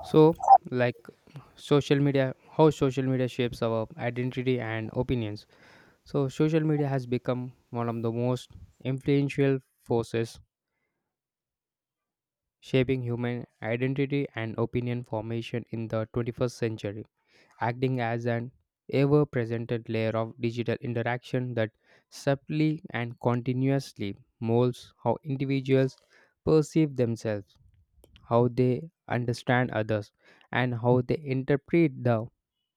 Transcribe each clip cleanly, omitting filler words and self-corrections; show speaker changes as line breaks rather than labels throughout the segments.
So, like social media, how social media shapes our identity and opinions. So, social media has become one of the most influential forces shaping human identity and opinion formation in the 21st century, acting as an ever present layer of digital interaction that subtly and continuously molds how individuals perceive themselves, how they understand others, and how they interpret the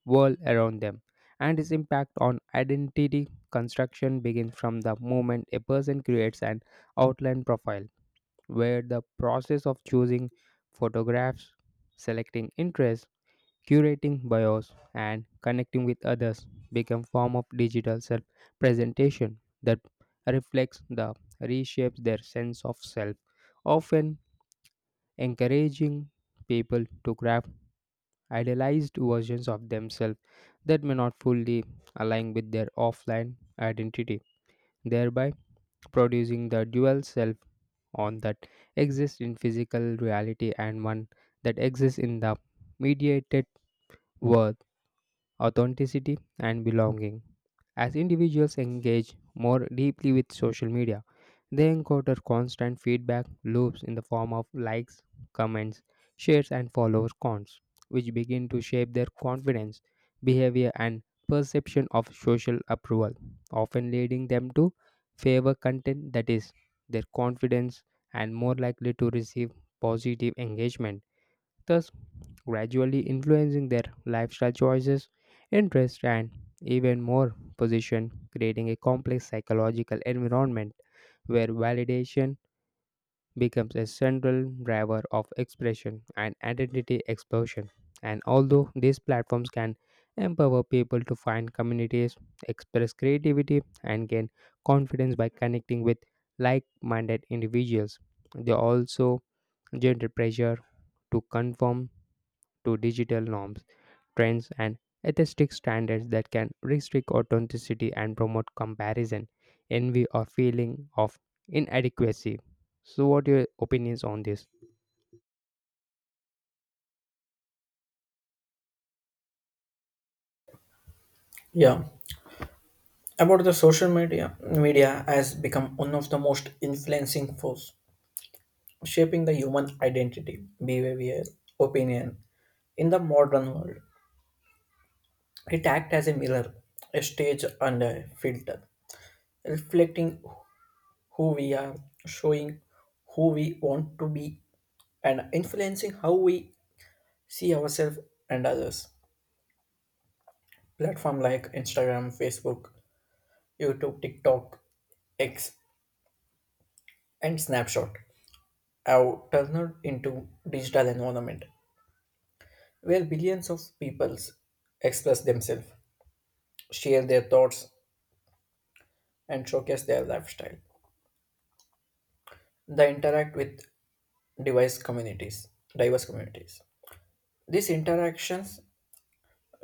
world around them, and its impact on identity construction begins from the moment a person creates an outline profile, where the process of choosing photographs, selecting interests, curating bios, and connecting with others become form of digital self-presentation that reflects the reshapes their sense of self, often encouraging people to craft idealized versions of themselves that may not fully align with their offline identity, thereby producing the dual self on that exists in physical reality and one that exists in the mediated world authenticity, and belonging. As individuals engage more deeply with social media, they encounter constant feedback loops in the form of likes, comments, shares, and follower counts, which begin to shape their confidence, behavior, and perception of social approval, often leading them to favor content that is their confidence and more likely to receive positive engagement thus gradually influencing their lifestyle choices, interests, and even more position, creating a complex psychological environment where validation becomes a central driver of expression and identity explosion. And although these platforms can empower people to find communities, express creativity, and gain confidence by connecting with like minded individuals, they also generate pressure to conform to digital norms, trends, and atheistic standards that can restrict authenticity and promote comparison, envy, or feeling of inadequacy. So, what your opinions on this?
Yeah, about the social media, media has become one of the most influencing force shaping the human identity, behavior, opinion in the modern world. It acts as a mirror, a stage and a filter, reflecting who we are, showing who we want to be, and influencing how we see ourselves and others. Platform like Instagram, Facebook, YouTube, TikTok, X, and Snapshot have turned into digital environment where billions of peoples express themselves, share their thoughts, and showcase their lifestyle. They interact with device communities, diverse communities. These interactions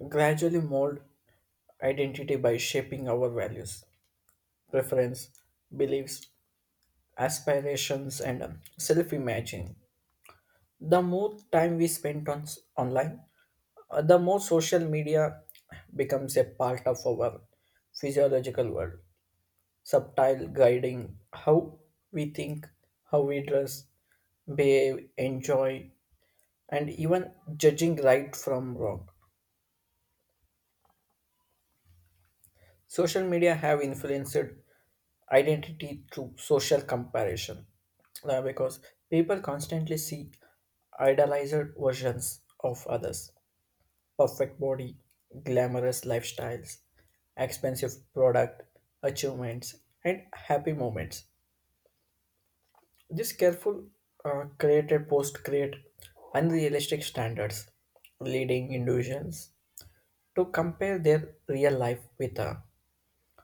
gradually mold identity by shaping our values, preference, beliefs, aspirations, and self imaging. The more time we spend on online, the more social media becomes a part of our physiological world, subtle guiding how we think, how we dress, behave, enjoy, and even judging right from wrong. Social media have influenced identity through social comparison because people constantly seek idealized versions of others, perfect body, glamorous lifestyles, expensive product, achievements, and happy moments. This careful created post create unrealistic standards, leading individuals to compare their real life with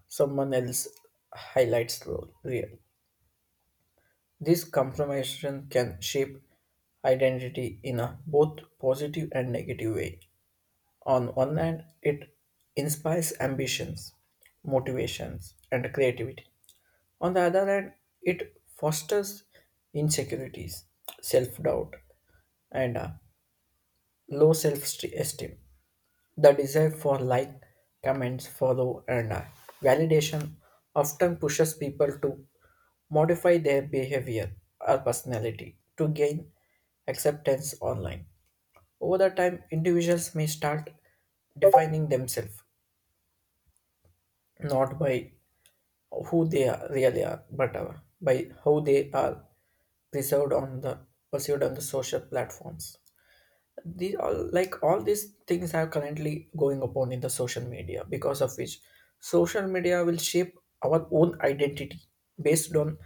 someone else highlights real. This compromise can shape identity in a both positive and negative way. On one hand, it inspires ambitions, motivations, and creativity. On the other hand, it fosters insecurities, self doubt, and low self esteem. The desire for like, comments, follow, and validation often pushes people to modify their behavior or personality to gain acceptance online. Over the time, individuals may start defining themselves not by who they are, really are, but by how they are preserved on the perceived on the social platforms. These all like all these things are currently going upon in the social media because of which social media will shape our own identity based on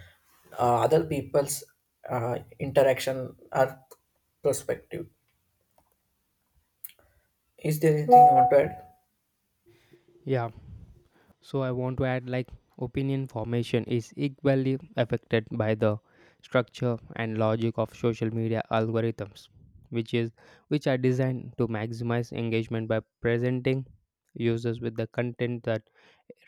other people's interaction or perspective. Is there anything you want to add?
Yeah, so I want to add like opinion formation is equally affected by the structure and logic of social media algorithms, which is which are designed to maximize engagement by presenting users with the content that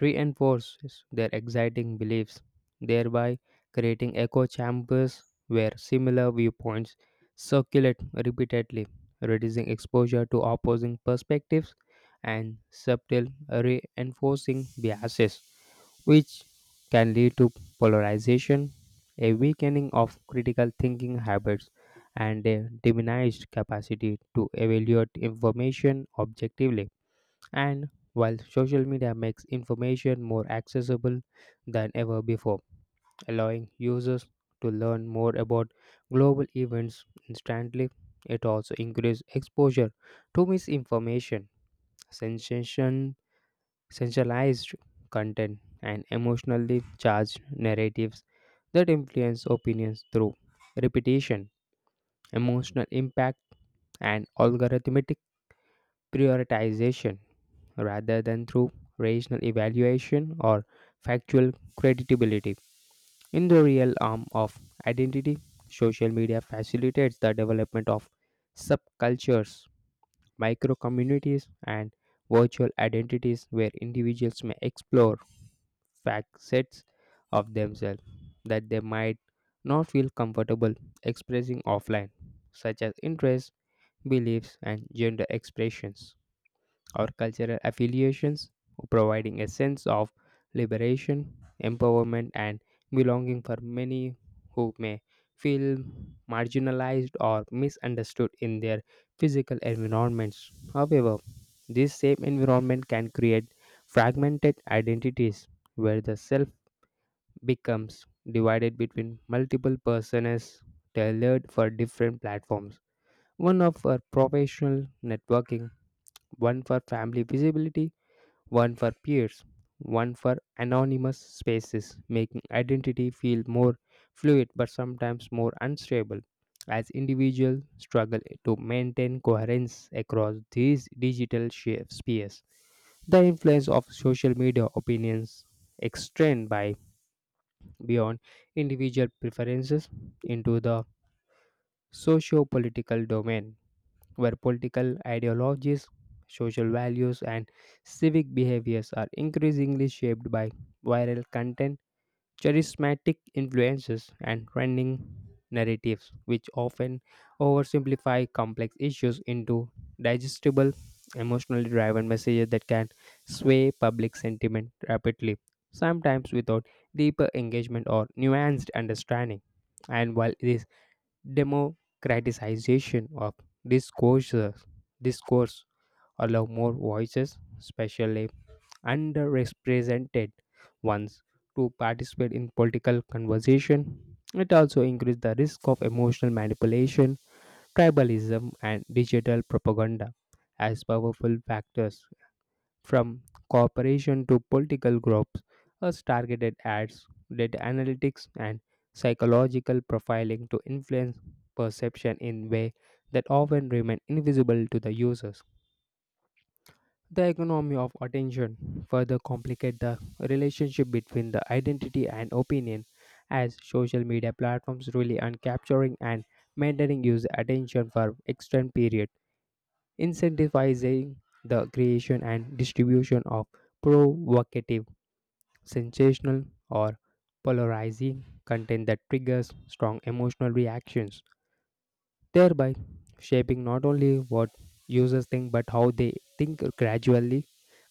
reinforces their exciting beliefs, thereby creating echo chambers where similar viewpoints circulate repeatedly, reducing exposure to opposing perspectives and subtle reinforcing biases, which can lead to polarization, a weakening of critical thinking habits, and a diminished capacity to evaluate information objectively. And while social media makes information more accessible than ever before, allowing users to learn more about global events instantly, it also increases exposure to misinformation, sensation, sensationalized content, and emotionally charged narratives that influence opinions through repetition, emotional impact, and algorithmic prioritization, rather than through rational evaluation or factual credibility. In the real arm of identity, social media facilitates the development of subcultures, micro communities, and virtual identities where individuals may explore facets of themselves that they might not feel comfortable expressing offline, such as interests, beliefs, and gender expressions, or cultural affiliations, providing a sense of liberation, empowerment, and belonging for many who may feel marginalized or misunderstood in their physical environments. However, this same environment can create fragmented identities where the self becomes divided between multiple personas tailored for different platforms, one of for professional networking, one for family visibility, one for peers, one for anonymous spaces, making identity feel more fluid but sometimes more unstable. As individuals struggle to maintain coherence across these digital spheres, the influence of social media opinions extend by beyond individual preferences into the socio-political domain where political ideologies, social values, and civic behaviors are increasingly shaped by viral content, charismatic influences, and trending narratives, which often oversimplify complex issues into digestible, emotionally driven messages that can sway public sentiment rapidly, sometimes without deeper engagement or nuanced understanding. And while this democratization of discourses discourse allow more voices, especially underrepresented ones, to participate in political conversation, it also increases the risk of emotional manipulation, tribalism, and digital propaganda as powerful factors from corporation to political groups, as targeted ads, data analytics, and psychological profiling to influence perception in ways that often remain invisible to the users. The economy of attention further complicates the relationship between the identity and opinion, as social media platforms rely on capturing and maintaining user attention for extended periods, incentivizing the creation and distribution of provocative, sensational, or polarizing content that triggers strong emotional reactions, thereby shaping not only what users think but how they think, gradually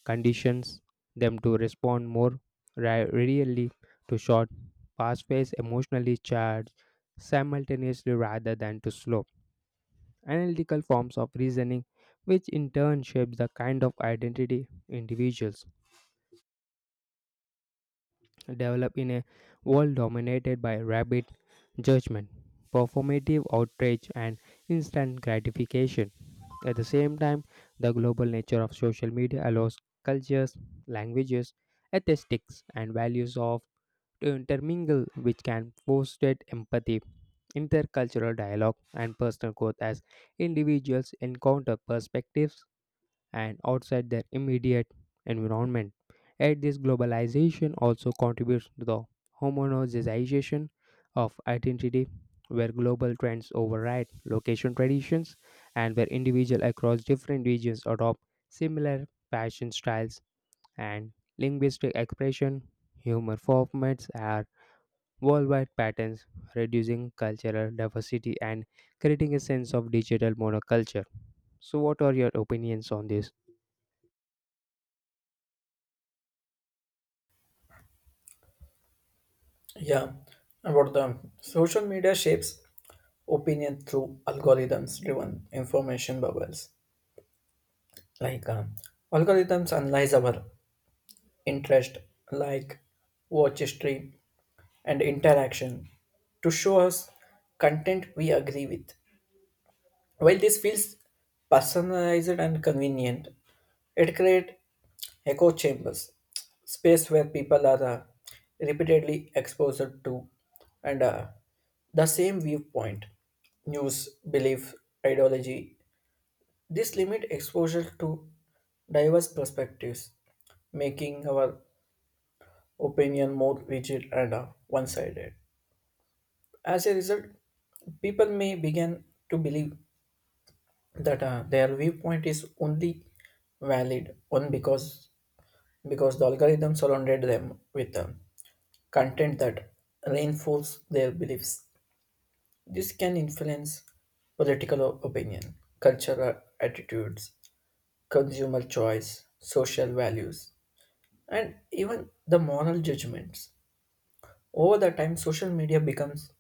conditions them to respond more readily to short, fast-paced, emotionally charged simultaneously rather than to slow analytical forms of reasoning, which in turn shapes the kind of identity individuals develop in a world dominated by rapid judgment, performative outrage, and instant gratification. At the same time, the global nature of social media allows cultures, languages, ethics, and values of to intermingle, which can foster empathy, intercultural dialogue, and personal growth as individuals encounter perspectives and outside their immediate environment. Yet, this globalization also contributes to the homogenization of identity, where global trends override location traditions and where individuals across different regions adopt similar fashion styles and linguistic expression. Humor formats are worldwide patterns, reducing cultural diversity and creating a sense of digital monoculture. So, what are your opinions on this?
Yeah, and what the social media shapes opinion through algorithms-driven information bubbles. Like uh, algorithms analyze our interest, like watch history and interaction, to show us content we agree with. While this feels personalized and convenient, it creates echo chambers, space where people are repeatedly exposed to and the same viewpoint, news, belief, ideology. This limit exposure to diverse perspectives, making our opinion more rigid and one-sided. As a result, people may begin to believe that their viewpoint is only valid on because the algorithm surrounded them with content that reinforce their beliefs. This can influence political opinion, cultural attitudes, consumer choice, social values, and even the moral judgments. Over the time, social media becomes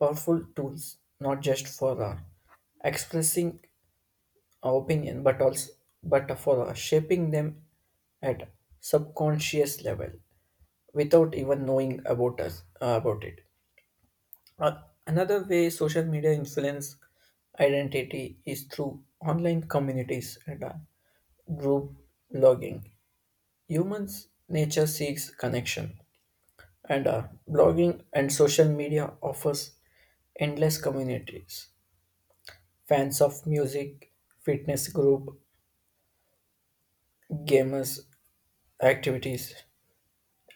powerful tools not just for expressing opinion, but also but for shaping them at subconscious level without even knowing about us about it. Uh, Another way social media influence identity is through online communities and group blogging. Humans nature seeks connection and blogging and social media offers endless communities, fans of music, fitness group, gamers, activities,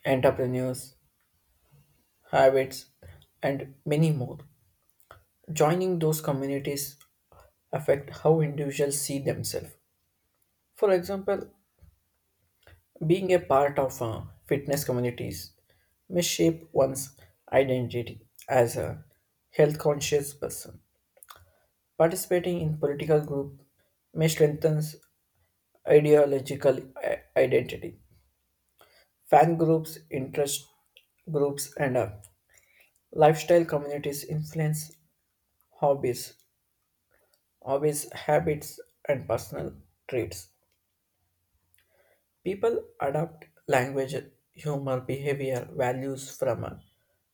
entrepreneurs, habits, and many more. Joining those communities affect how individuals see themselves. For example, being a part of fitness communities may shape one's identity as a health conscious person. Participating in political group may strengthen ideological identity. Fan groups, interest groups, and lifestyle communities influence hobbies, hobbies, habits, and personal traits. People adopt language, humor, behavior, values from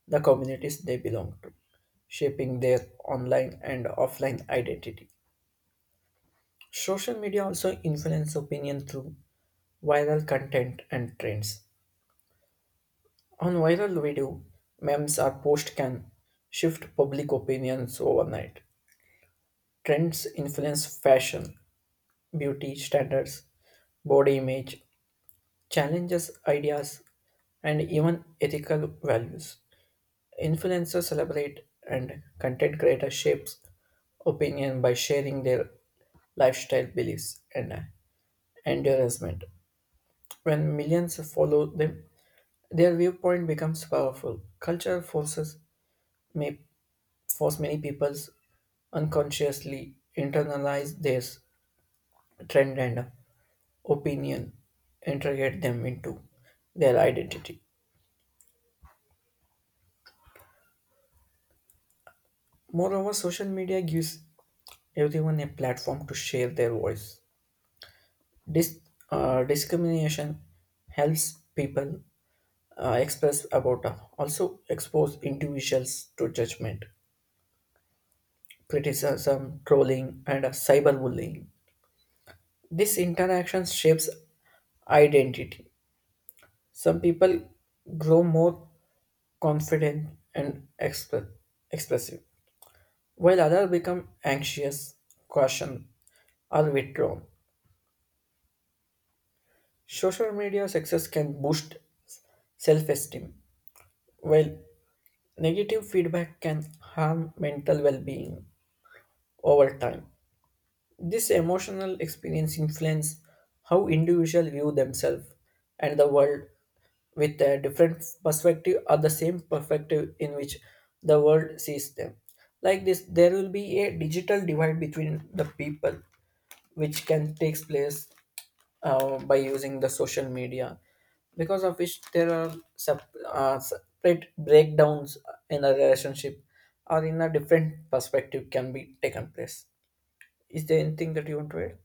the communities they belong to, shaping their online and offline identity. Social media also influence opinion through viral content and trends. On viral video, memes or posts can shift public opinions overnight. Trends influence fashion, beauty standards, body image, challenges ideas, and even ethical values. Influencers celebrate and content creators shapes opinion by sharing their lifestyle beliefs and endorsement. When millions follow them, their viewpoint becomes powerful. Cultural forces may force many people unconsciously internalize their trend and opinion, integrate them into their identity. Moreover, social media gives everyone a platform to share their voice. Dis- Discrimination helps people express about, also expose individuals to judgment, criticism, trolling, and cyberbullying. This interaction shapes identity. Some people grow more confident and expressive, while others become anxious, caution, or withdrawn. Social media success can boost self esteem, while negative feedback can harm mental well being over time. This emotional experience influences how individuals view themselves and the world with a different perspective or the same perspective in which the world sees them. Like this, there will be a digital divide between the people, which can take place by using the social media, because of which there are separate breakdowns in a relationship or in a different perspective can be taken place. Is there anything that you want to add?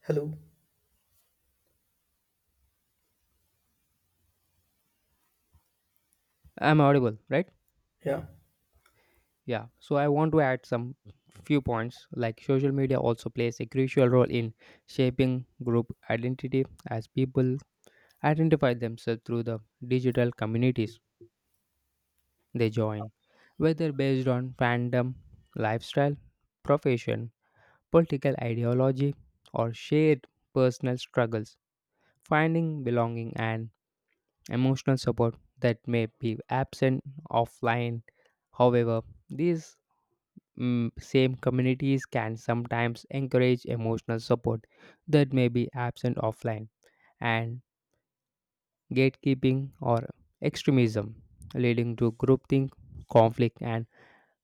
Hello?
I'm audible, right?
Yeah,
Yeah. So I want to add some few points like social media also plays a crucial role in shaping group identity as people identify themselves through the digital communities they join, whether based on fandom, lifestyle, profession, political ideology, or shared personal struggles. Finding belonging and emotional support that may be absent offline, however, these same communities can sometimes encourage emotional support that may be absent offline, and gatekeeping or extremism, leading to groupthink, conflict, and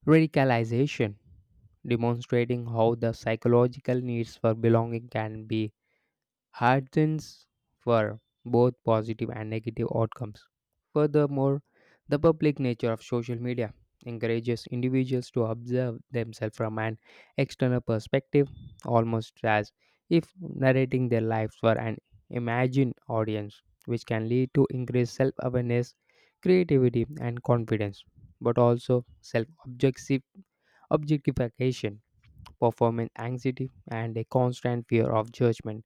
radicalization, demonstrating how the psychological needs for belonging can be headwinds for both positive and negative outcomes. Furthermore, the public nature of social media encourages individuals to observe themselves from an external perspective, almost as if narrating their lives for an imagined audience, which can lead to increased self awareness, creativity, and confidence, but also self objectification, performance anxiety, and a constant fear of judgment,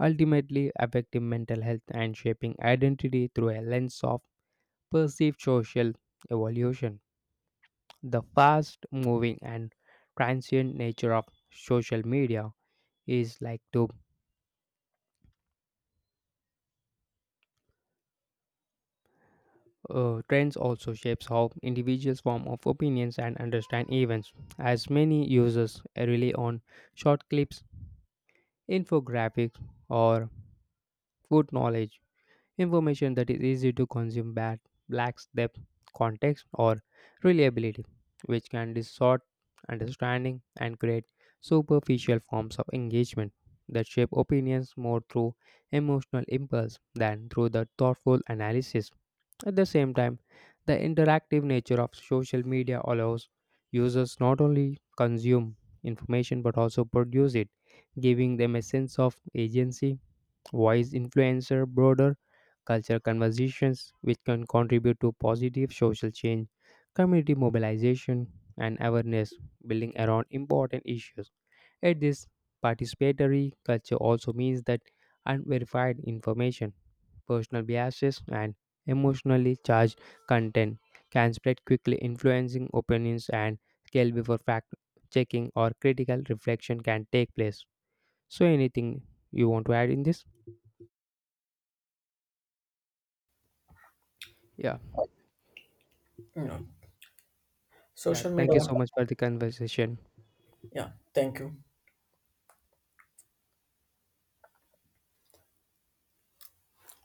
ultimately affecting mental health and shaping identity through a lens of perceived social evolution. The fast moving and transient nature of social media is like to trends also shapes how individuals form of opinions and understand events as many users rely on short clips, infographics, or food knowledge. Information that is easy to consume bad lacks depth, context, or reliability, which can distort understanding and create superficial forms of engagement that shape opinions more through emotional impulse than through the thoughtful analysis. At the same time, the interactive nature of social media allows users not only consume information but also produce it, giving them a sense of agency, voice, influencer broader cultural conversations, which can contribute to positive social change, community mobilization, and awareness building around important issues. At this participatory culture also means that unverified information, personal biases, and emotionally charged content can spread quickly, influencing opinions and scale before fact checking or critical reflection can take place. So anything you want to add in this? Yeah.
no,
Yeah,
social
thank you
media.
so much for the conversation.
Yeah, thank you.